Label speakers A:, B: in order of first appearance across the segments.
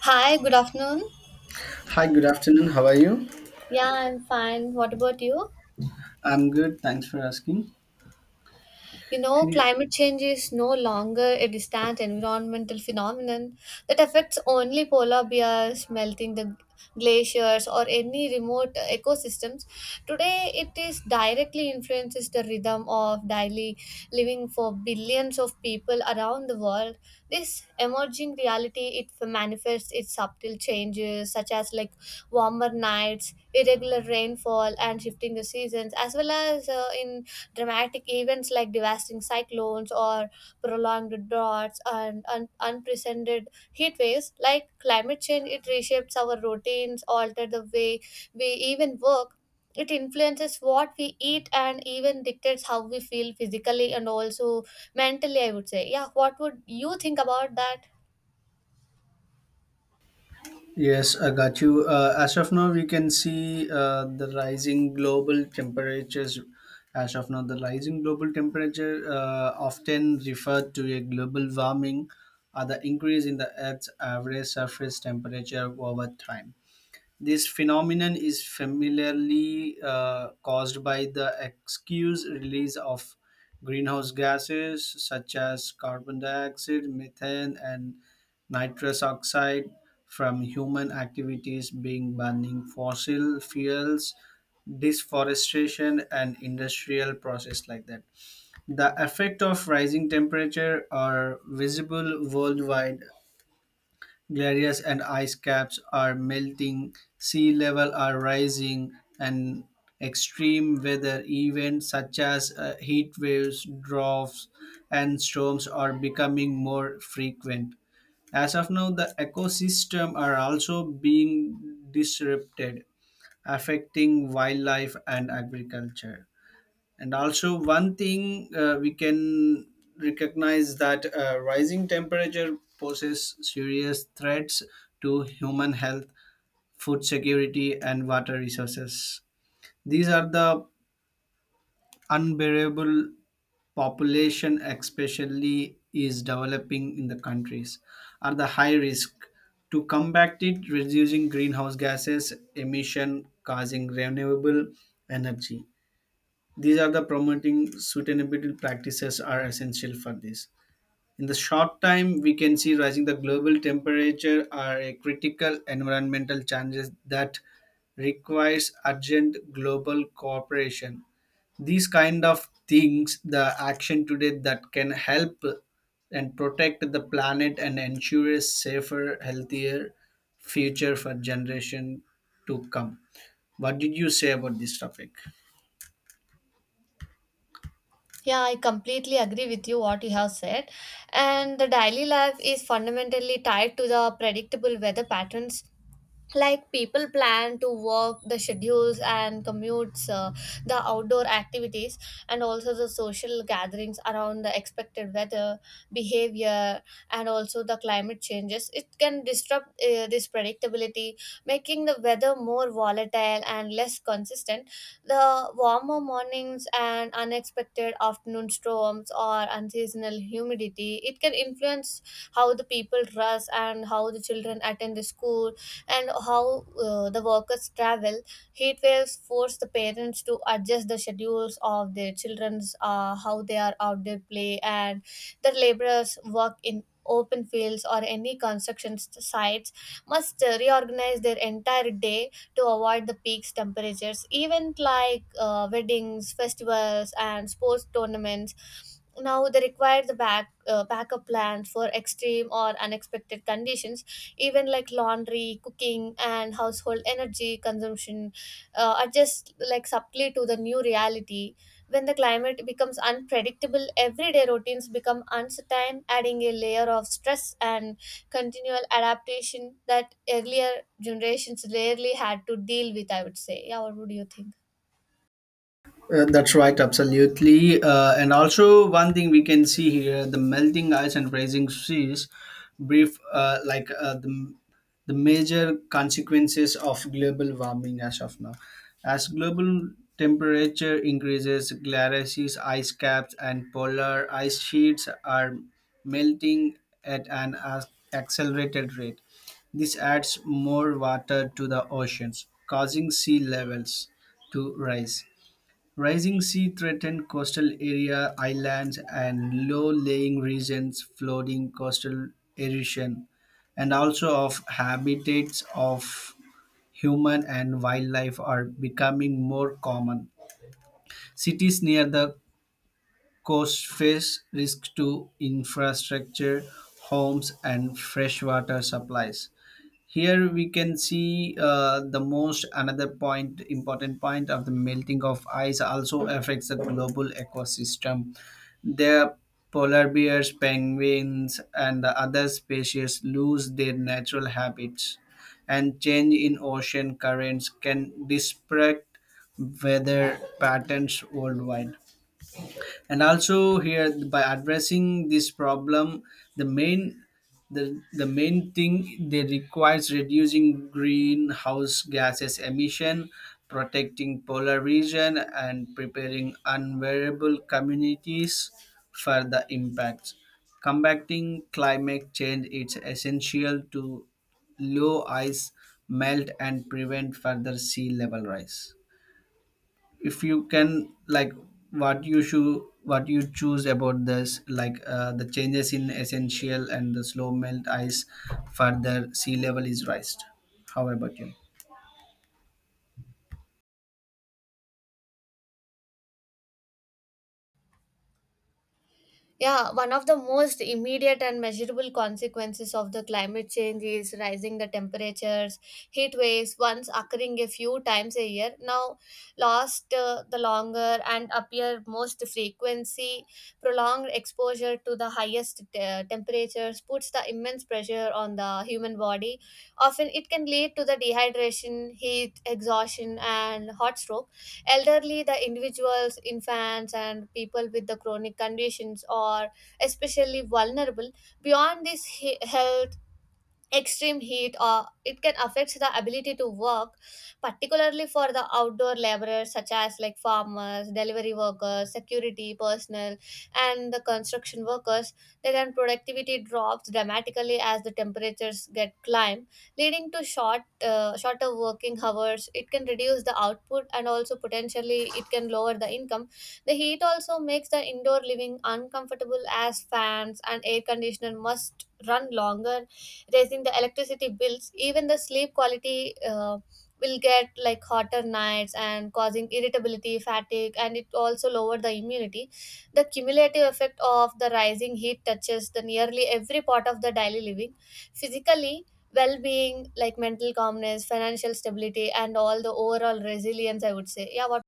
A: Hi, good afternoon.
B: Hi, good afternoon. How are you?
A: Yeah, I'm fine. What about you?
B: I'm good. Thanks for asking.
A: You know,
B: Ye-
A: climate change is no longer a distant environmental phenomenon that affects only polar bears, melting the glaciers, or any remote ecosystems. Today, it is directly influences the rhythm of daily living for billions of people around the world. This emerging reality it manifests its subtle changes, such as like warmer nights, irregular rainfall, and shifting the seasons, as well as in dramatic events like devastating cyclones or prolonged droughts and unprecedented heat waves, like climate change, it reshapes our routines, alter the way we even work. It influences what we eat and even dictates how we feel physically and also mentally, I would say. Yeah, what would you think about that?
B: Yes, I got you. As of now, we can see the rising global temperatures. As of now, the rising global temperature, often referred to a global warming, are the increase in the Earth's average surface temperature over time. This phenomenon is familiarly caused by the excuse release of greenhouse gases such as carbon dioxide, methane, and nitrous oxide from human activities being burning fossil fuels, deforestation, and industrial process like that. The effect of rising temperature are visible worldwide. Glaciers and ice caps are melting, sea level are rising, and extreme weather events such as heat waves, droughts, and storms are becoming more frequent. As of now, the ecosystem are also being disrupted, affecting wildlife and agriculture. And also, one thing we can recognize that rising temperature poses serious threats to human health, food security, and water resources. These are the unbearable population, especially is developing in the countries, are the high risk. To combat it, reducing greenhouse gases emission, causing renewable energy, these are the promoting sustainability practices are essential for this. In the short time, we can see rising the global temperature are a critical environmental challenges that requires urgent global cooperation. These kind of things, the action today that can help and protect the planet and ensure a safer, healthier future for generation to come. What did you say about this topic?
A: Yeah, I completely agree with you what you have said. And the daily life is fundamentally tied to the predictable weather patterns, like people plan to work the schedules and commutes, the outdoor activities, and also the social gatherings around the expected weather behavior. And also the climate changes it can disrupt this predictability, making the weather more volatile and less consistent. The warmer mornings and unexpected afternoon storms or unseasonal humidity, it can influence how the people dress, and how the children attend the school, and how the workers travel. Heat waves force the parents to adjust the schedules of their children's, how they are out there play, and the laborers work in open fields or any construction sites must reorganize their entire day to avoid the peaks temperatures. Even like weddings, festivals, and sports tournaments now, they require the backup plans for extreme or unexpected conditions. Even like laundry, cooking, and household energy consumption adjust like subtly to the new reality. When the climate becomes unpredictable, everyday routines become uncertain, adding a layer of stress and continual adaptation that earlier generations rarely had to deal with, I would say. Yeah, what would you think?
B: That's right, absolutely. And also, one thing we can see here the melting ice and rising seas, brief, like the major consequences of global warming as of now. As global temperature increases, glaciers, ice caps, and polar ice sheets are melting at an accelerated rate. This adds more water to the oceans, causing sea levels to rise. Rising sea threatened coastal area islands and low-lying regions, flooding coastal erosion, and also of habitats of human and wildlife are becoming more common. Cities near the coast face risk to infrastructure, homes, and freshwater supplies. Here we can see the most another point important point of the melting of ice also affects the global ecosystem. The polar bears penguins and the other species lose their natural habitats, and change in ocean currents can disrupt weather patterns worldwide. And also here, by addressing this problem, the main, the main thing they requires reducing greenhouse gases emission, protecting polar region and preparing unvariable communities for the impacts. Combating climate change, it's essential to low ice melt and prevent further sea level rise. If you can like what you should, what you choose about this, like the changes in essential and the slow melt ice, further sea level is raised. How about you?
A: Yeah, one of the most immediate and measurable consequences of the climate change is rising the temperatures. Heat waves, once occurring a few times a year, now last the longer and appear most frequency. Prolonged exposure to the highest temperatures puts the immense pressure on the human body. Often, it can lead to the dehydration, heat exhaustion, and hot stroke. Elderly the individuals, infants, and people with the chronic conditions are especially vulnerable. Beyond this health, extreme heat or it can affect the ability to work, particularly for the outdoor laborers such as like farmers, delivery workers, security personnel, and the construction workers. Their productivity drops dramatically as the temperatures get climb, leading to shorter working hours. It can reduce the output and also potentially it can lower the income. The heat also makes the indoor living uncomfortable, as fans and air conditioner must run longer, raising the electricity bills. Even the sleep quality will get like hotter nights and causing irritability, fatigue, and it also lower the immunity. The cumulative effect of the rising heat touches the nearly every part of the daily living, physically well-being like mental calmness, financial stability, and all the overall resilience, I would say. Yeah, what?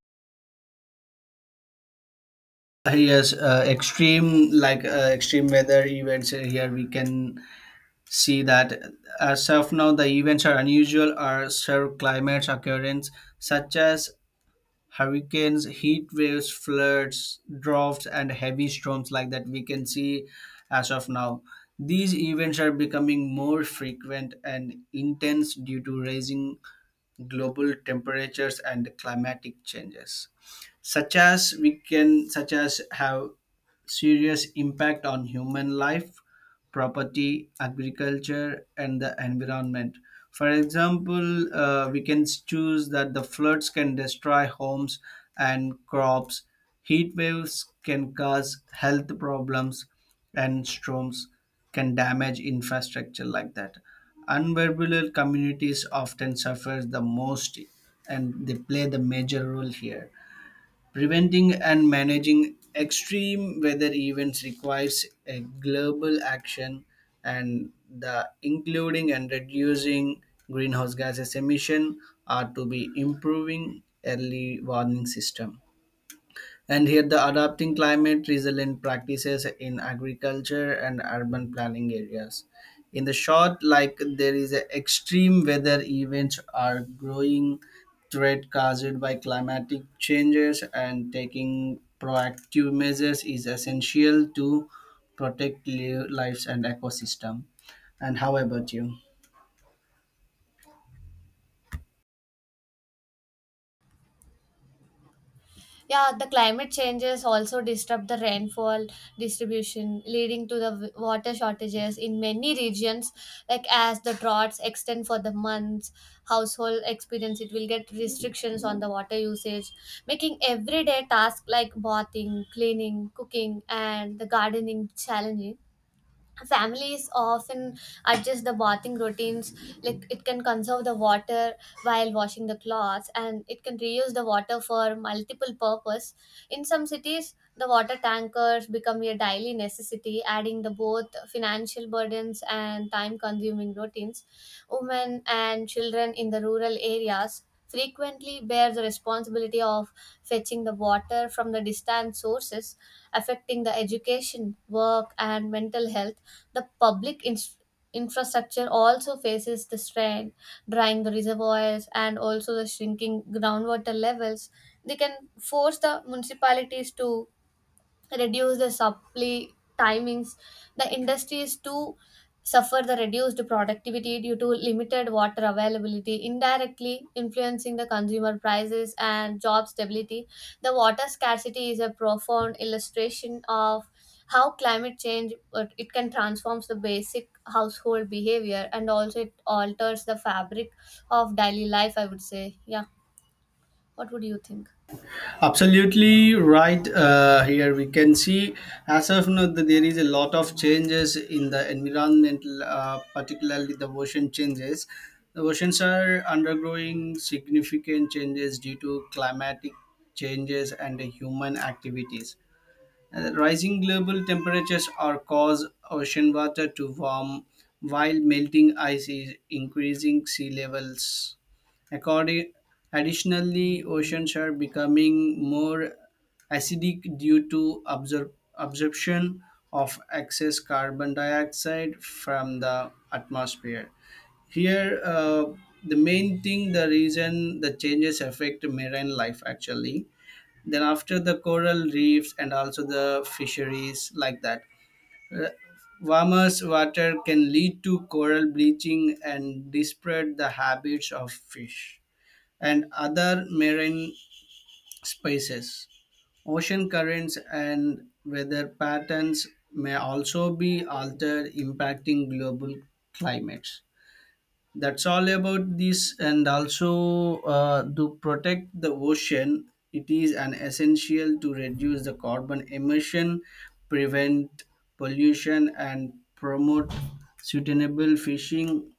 B: Yes, extreme like extreme weather events, here we can see that as of now the events are unusual or serve climates occurrence such as hurricanes, heat waves, floods, droughts, and heavy storms like that we can see as of now. These events are becoming more frequent and intense due to rising global temperatures and climatic changes such as we can such as have serious impact on human life, property, agriculture, and the environment. For example, we can choose that the floods can destroy homes and crops, heat waves can cause health problems, and storms can damage infrastructure like that. Unverbal communities often suffer the most and they play the major role here. Preventing and managing extreme weather events requires a global action, and the including and reducing greenhouse gases emission are to be improving early warning system, and here, the adapting climate resilient practices in agriculture and urban planning areas. In the short, like there is a extreme weather events are growing threat caused by climatic changes, and taking proactive measures is essential to protect lives and ecosystem. And how about you?
A: Yeah, the climate changes also disrupt the rainfall distribution, leading to the water shortages in many regions. Like as the droughts extend for the months, household experience it will get restrictions on the water usage, making everyday tasks like bathing, cleaning, cooking, and the gardening challenging. Families often adjust the bathing routines like it can conserve the water, while washing the clothes and it can reuse the water for multiple purpose. In some cities the water tankers become a daily necessity, adding the both financial burdens and time consuming routines. Women and children in the rural areas frequently bear the responsibility of fetching the water from the distant sources, affecting the education, work, and mental health. The public infrastructure also faces the strain, drying the reservoirs, and also the shrinking groundwater levels. They can force the municipalities to reduce the supply timings. The industries too suffer the reduced productivity due to limited water availability, indirectly influencing the consumer prices and job stability. The water scarcity is a profound illustration of how climate change it can transforms the basic household behavior and also it alters the fabric of daily life, I would say. Yeah, what would you think?
B: Absolutely right. Here we can see as of now that there is a lot of changes in the environmental, particularly the ocean changes. The oceans are undergoing significant changes due to climatic changes and human activities. Rising global temperatures are cause ocean water to warm, while melting ice is increasing sea levels. According, additionally, oceans are becoming more acidic due to absorption of excess carbon dioxide from the atmosphere. Here, the main thing, the reason the changes affect marine life actually, then after the coral reefs and also the fisheries like that. Uh, Warmer water can lead to coral bleaching and disrupt the habits of fish and other marine species. Ocean currents and weather patterns may also be altered, impacting global climates. That's all about this. And also, to protect the ocean, it is an essential to reduce the carbon emission, prevent pollution and promote sustainable fishing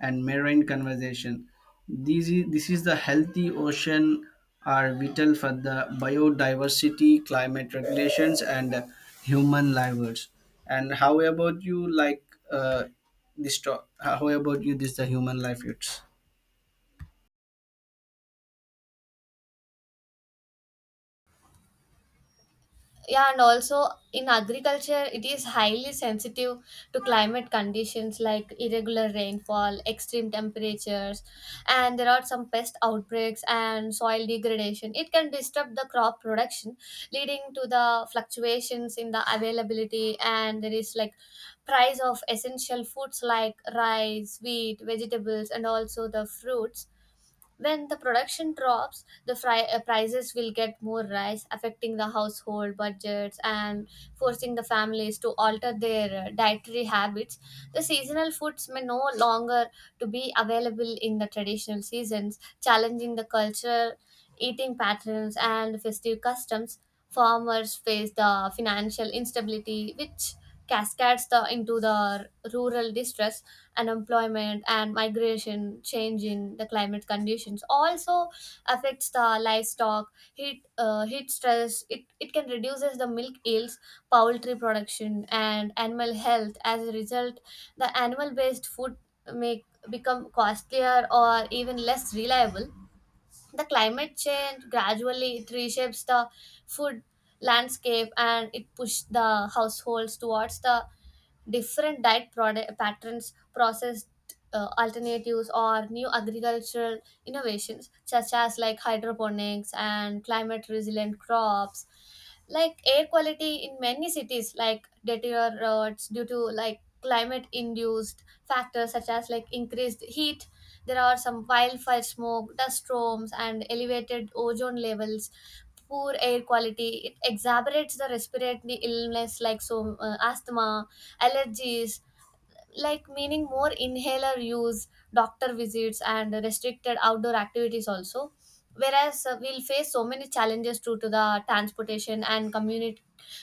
B: and marine conservation. This is the healthy ocean are vital for the biodiversity, climate regulations, and human livelihoods. And how about you, like uh, this talk? How about you this the human livelihoods?
A: Yeah, and also in agriculture it is highly sensitive to climate conditions, like irregular rainfall, extreme temperatures, and there are some pest outbreaks and soil degradation. It can disturb the crop production, leading to the fluctuations in the availability, and there is like price of essential foods like rice, wheat, vegetables, and also the fruits. When the production drops, the prices will get more rise, affecting the household budgets and forcing the families to alter their dietary habits. The seasonal foods may no longer to be available in the traditional seasons, challenging the culture, eating patterns, and festive customs. Farmers face the financial instability, which cascades into the rural distress, unemployment, and migration. Change in the climate conditions also affects the livestock heat. Heat stress it can reduces the milk yields, poultry production, and animal health. As a result, the animal based food may become costlier or even less reliable. The climate change gradually it reshapes the food landscape, and it pushed the households towards the different diet product patterns, processed alternatives, or new agricultural innovations such as like hydroponics and climate resilient crops. Like air quality in many cities like deteriorates due to like climate induced factors, such as like increased heat. There are some wildfire smoke, dust storms, and elevated ozone levels. Poor air quality it exacerbates the respiratory illness, like so asthma, allergies, like meaning more inhaler use, doctor visits, and restricted outdoor activities also. Whereas we'll face so many challenges due to the transportation and community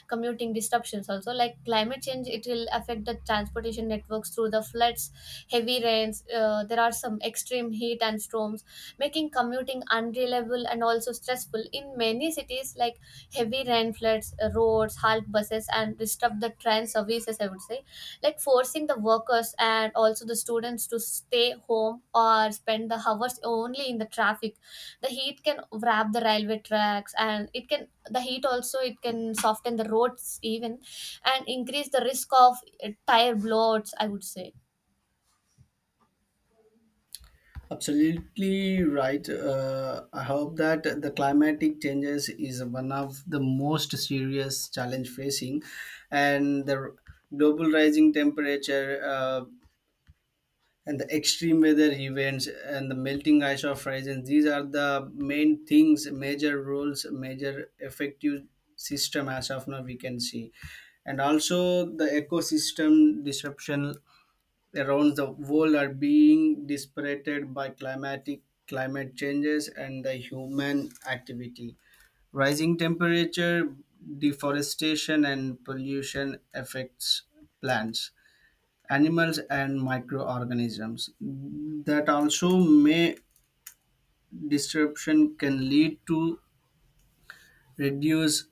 A: commuting disruptions also. Like climate change it will affect the transportation networks through the floods, heavy rains. There are some extreme heat and storms, making commuting unreliable and also stressful. In many cities like heavy rain floods, roads halt buses and disrupt the train services, I would say, like forcing the workers and also the students to stay home or spend the hours only in the traffic. The heat can wrap the railway tracks, and it can the heat also it can soften the roads even and increase the risk of tire bloats, I would say.
B: Absolutely right. I hope that the climatic changes is one of the most serious challenge facing, and the global rising temperature, and the extreme weather events and the melting ice of horizons, these are the main things major roles major effective system as of now we can see. And also the ecosystem disruption around the world are being dispirited by climatic climate changes and the human activity, rising temperature, deforestation and pollution affects plants, animals and microorganisms, that also may disruption can lead to reduce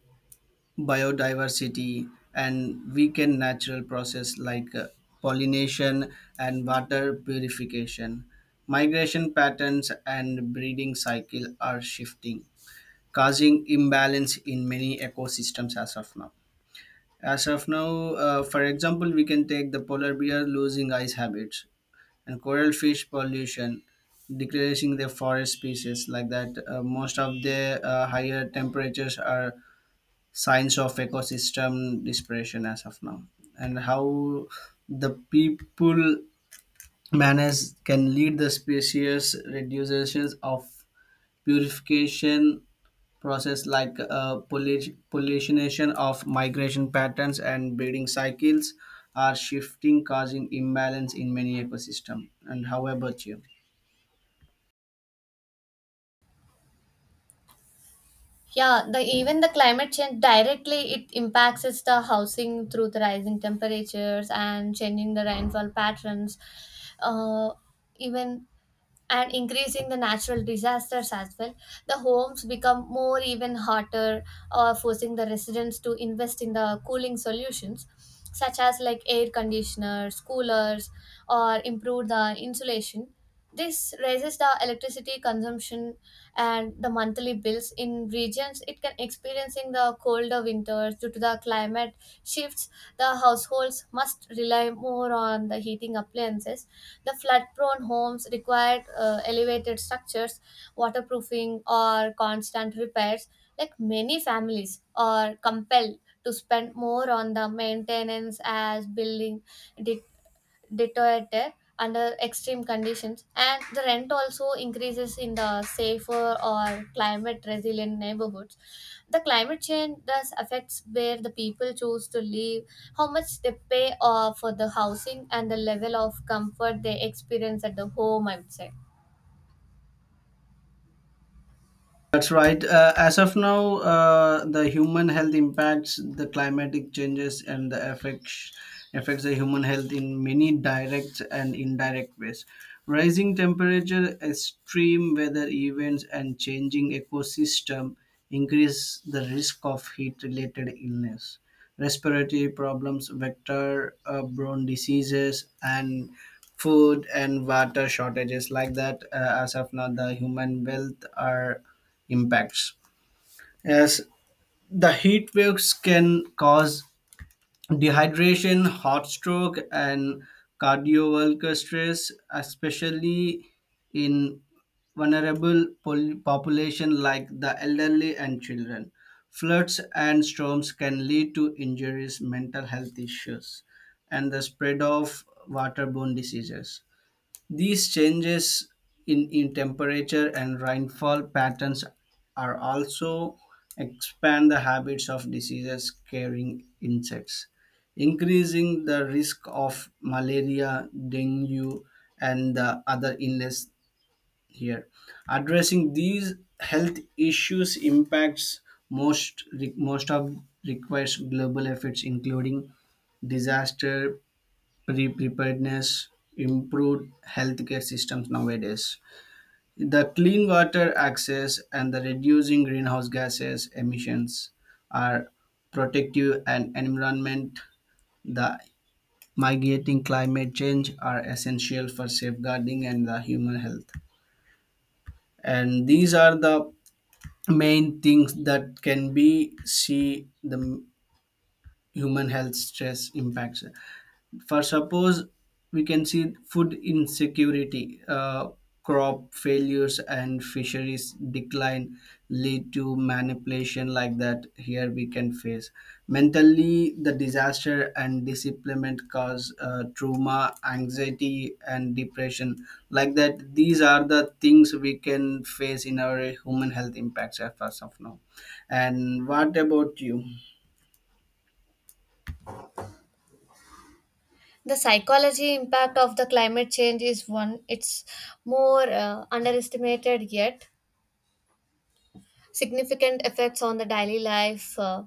B: biodiversity and weaken natural process like pollination and water purification. Migration patterns and breeding cycle are shifting, causing imbalance in many ecosystems as of now. For example, we can take the polar bear losing ice habits and coral fish pollution, decreasing the forest species like that. Most of the higher temperatures are signs of ecosystem dispersion as of now, and how the people manners can lead the species reductions of purification process like pollination of migration patterns and breeding cycles are shifting, causing imbalance in many ecosystem. And how about you?
A: Yeah, the even the climate change directly it impacts us the housing through the rising temperatures and changing the rainfall patterns. Uh, Even and increasing the natural disasters as well. The homes become more even hotter, or forcing the residents to invest in the cooling solutions such as like air conditioners, coolers, or improve the insulation. This raises the electricity consumption and the monthly bills. In regions it can experiencing the colder winters due to the climate shifts, the households must rely more on the heating appliances. The flood-prone homes required elevated structures, waterproofing, or constant repairs. Like many families are compelled to spend more on the maintenance as building deteriorate under extreme conditions, and the rent also increases in the safer or climate resilient neighborhoods. The climate change thus affects where the people choose to live, how much they pay for the housing, and the level of comfort they experience at the home, I would say.
B: That's right. As of now, the human health impacts the climatic changes, and the affects the human health in many direct and indirect ways. Rising temperature, extreme weather events, and changing ecosystem increase the risk of heat-related illness, respiratory problems, vector-borne diseases, and food and water shortages like that, as of now the human wealth are impacts. As the heat waves can cause dehydration, heart stroke, and cardiovascular stress, especially in vulnerable population like the elderly and children. Floods and storms can lead to injuries, mental health issues, and the spread of waterborne diseases. These changes in temperature and rainfall patterns are also expand the habits of diseases carrying insects, increasing the risk of malaria, dengue, and the other illness here. Addressing these health issues impacts most of requires global efforts including disaster preparedness, improved healthcare systems nowadays. The clean water access and the reducing greenhouse gases emissions are protective and environment. The mitigating climate change are essential for safeguarding and the human health. And these are the main things that can be see the human health stress impacts. For suppose, we can see food insecurity, crop failures and fisheries decline lead to manipulation like that. Here we can face mentally the disaster and disemployment cause trauma, anxiety and depression like that. These are the things we can face in our human health impacts as far as of now. And what about you?
A: The psychology impact of the climate change is one it's more underestimated yet significant effects on the daily life.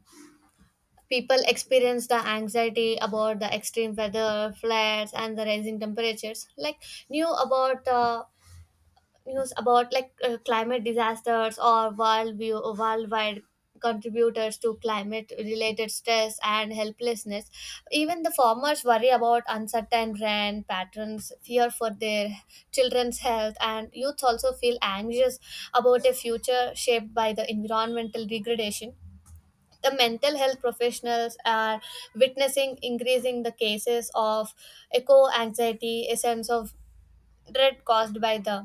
A: People experience the anxiety about the extreme weather, flares, and the rising temperatures. Like new about uh, news about like climate disasters or worldview worldwide contributors to climate related stress and helplessness. Even the farmers worry about uncertain rain patterns, fear for their children's health, and youths also feel anxious about a future shaped by the environmental degradation. The mental health professionals are witnessing increasing the cases of eco anxiety, a sense of dread caused by the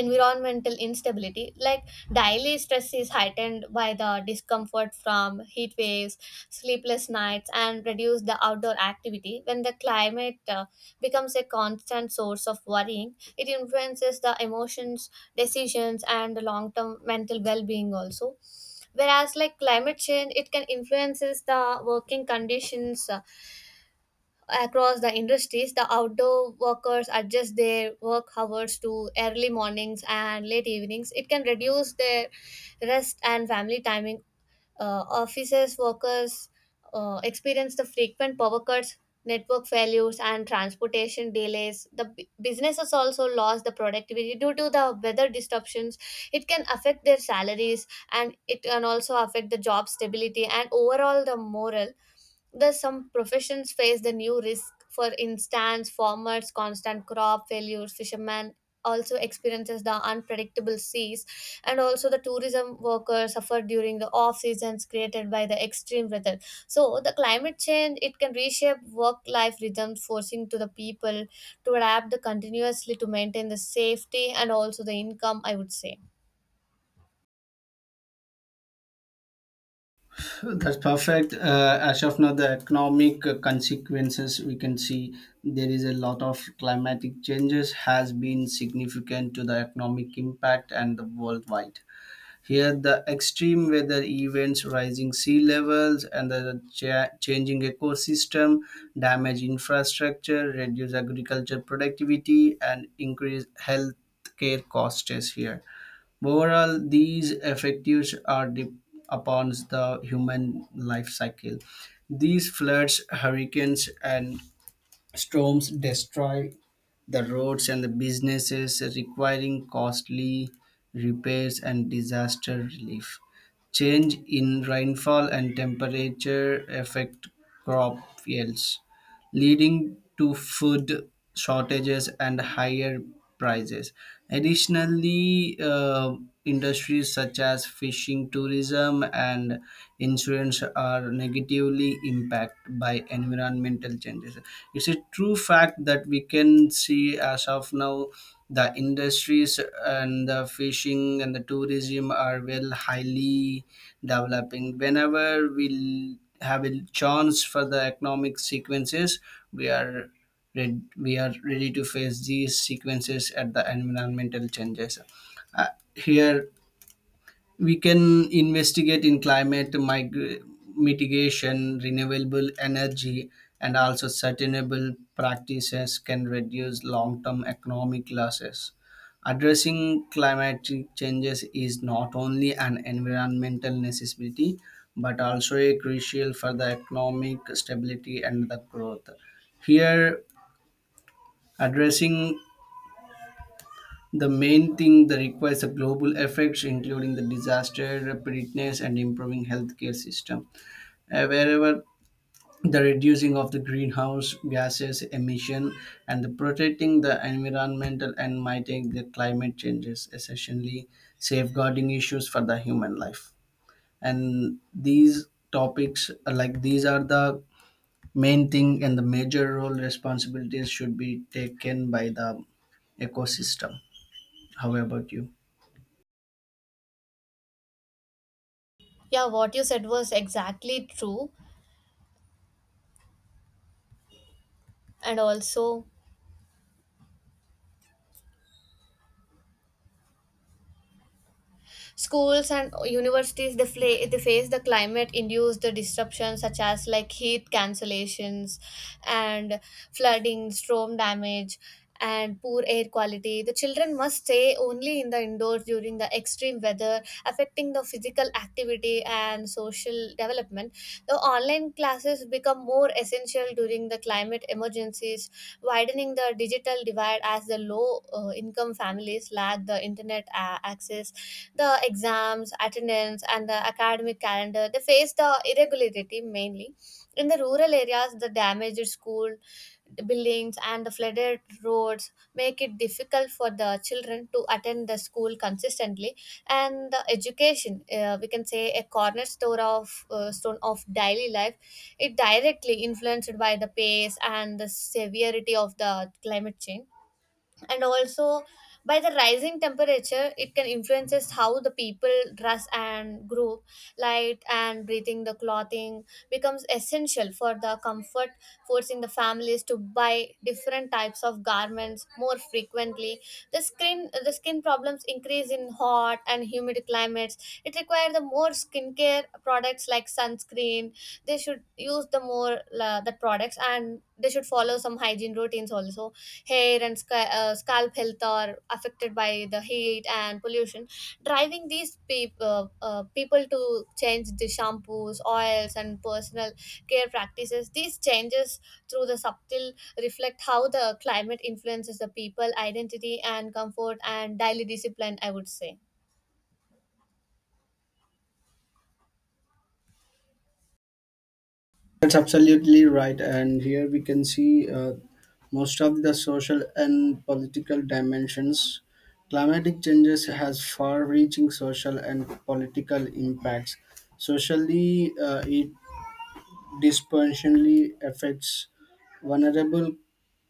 A: environmental instability. Like daily stress is heightened by the discomfort from heat waves, sleepless nights, and reduce the outdoor activity. When the climate becomes a constant source of worrying, it influences the emotions, decisions, and the long term mental well being also. Whereas like climate change it can influences the working conditions across the industries. The outdoor workers adjust their work hours to early mornings and late evenings. It can reduce their rest and family timing. Offices workers experience the frequent power cuts, network failures, and transportation delays. The businesses also lost the productivity due to the weather disruptions. It can affect their salaries, and it can also affect the job stability and overall the morale. Thus, some professions face the new risk. For instance, farmers, constant crop failures, fishermen also experiences the unpredictable seas, and also the tourism workers suffer during the off seasons created by the extreme weather. So, the climate change it can reshape work-life rhythms, forcing to the people to adapt the continuously to maintain the safety and also the income, I would say.
B: That's perfect. As of now, the economic consequences we can see there is a lot of climatic changes has been significant to the economic impact and the worldwide. Here, the extreme weather events, rising sea levels, and the changing ecosystem damage infrastructure, reduce agriculture productivity, and increase health care costs here. Overall, these effects are deep upon the human life cycle. These floods, hurricanes, and storms destroy the roads and the businesses, requiring costly repairs and disaster relief. Change in rainfall and temperature affect crop yields, leading to food shortages and higher prices. Additionally, industries such as fishing, tourism, and insurance are negatively impacted by environmental changes. It's a true fact that we can see as of now the industries and the fishing and the tourism are well highly developing. Whenever we have a chance for the economic sequences, we are we are ready to face these sequences at the environmental changes. Uh, Here we can investigate in climate mitigation, renewable energy and also sustainable practices can reduce long-term economic losses. Addressing climatic changes is not only an environmental necessity but also a crucial for the economic stability and the growth. Here, addressing the main thing that requires a global effects, including the disaster preparedness and improving healthcare system. Wherever the reducing of the greenhouse gases emission and the protecting the environmental and mitigating the climate changes, essentially safeguarding issues for the human life. And these topics, like these, are the main thing and the major role responsibilities should be taken by the ecosystem. How about you?
A: Yeah, what you said was exactly true, and also schools and universities they, they face the climate induced the disruptions such as like heat cancellations and flooding, storm damage, and poor air quality. The children must stay only in the indoors during the extreme weather, affecting the physical activity and social development. The online classes become more essential during the climate emergencies, widening the digital divide, as the low income families lack the internet access. The exams, attendance, and the academic calendar, they face the irregularity mainly. In the rural areas, the damaged school buildings and the flooded roads make it difficult for the children to attend the school consistently. And the education we can say a cornerstone of stone of daily life, it directly influenced by the pace and the severity of the climate change. And also by the rising temperature it can influences how the people dress and group. Light and breathing the clothing becomes essential for the comfort, forcing the families to buy different types of garments more frequently. The skin, the skin problems increase in hot and humid climates. It requires the more skincare products like sunscreen. They should use the more the products, and they should follow some hygiene routines also. Hair and scalp health are affected by the heat and pollution, driving these people to change the shampoos, oils, and personal care practices. These changes through the subtle reflect how the climate influences the people identity and comfort and daily discipline, I would say.
B: That's absolutely right. And here we can see most of the social and political dimensions. Climatic changes has far-reaching social and political impacts. Socially, it disproportionately affects vulnerable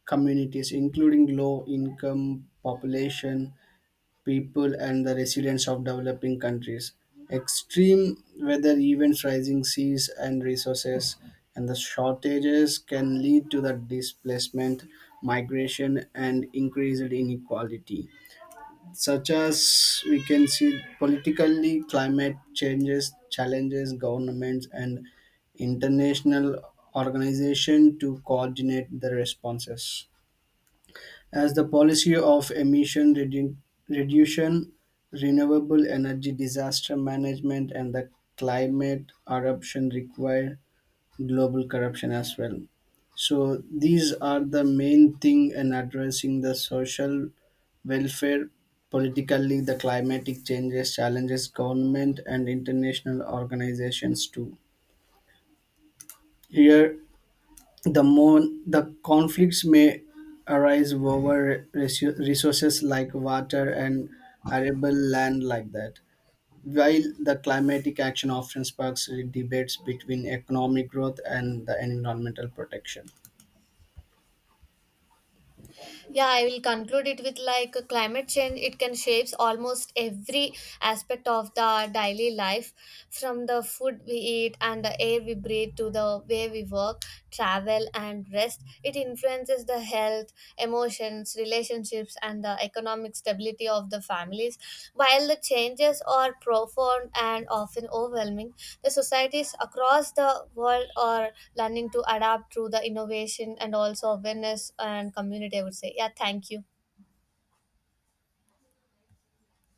B: communities, including low-income population, people and the residents of developing countries. Extreme weather events, rising seas and resources, and the shortages can lead to the displacement, migration, and increased inequality. Such as we can see politically, climate changes challenges governments and international organization to coordinate the responses. As the policy of emission reduction, renewable energy, disaster management, and the climate eruption require global corruption as well. So these are the main thing in addressing the social welfare, politically the climatic changes challenges government and international organizations too. Here the more the conflicts may arise over resources like water and arable land like that. While the climatic action often sparks debates between economic growth and the environmental protection.
A: Yeah, I will conclude it with like climate change it can shapes almost every aspect of the daily life. From the food we eat and the air we breathe to the way we work, travel, and rest, it influences the health, emotions, jobs, relationships, and the economic stability of the families. While the changes are profound and often overwhelming, the societies across the world are learning to adapt through the innovation and also awareness and community, I would say. Yeah, thank you.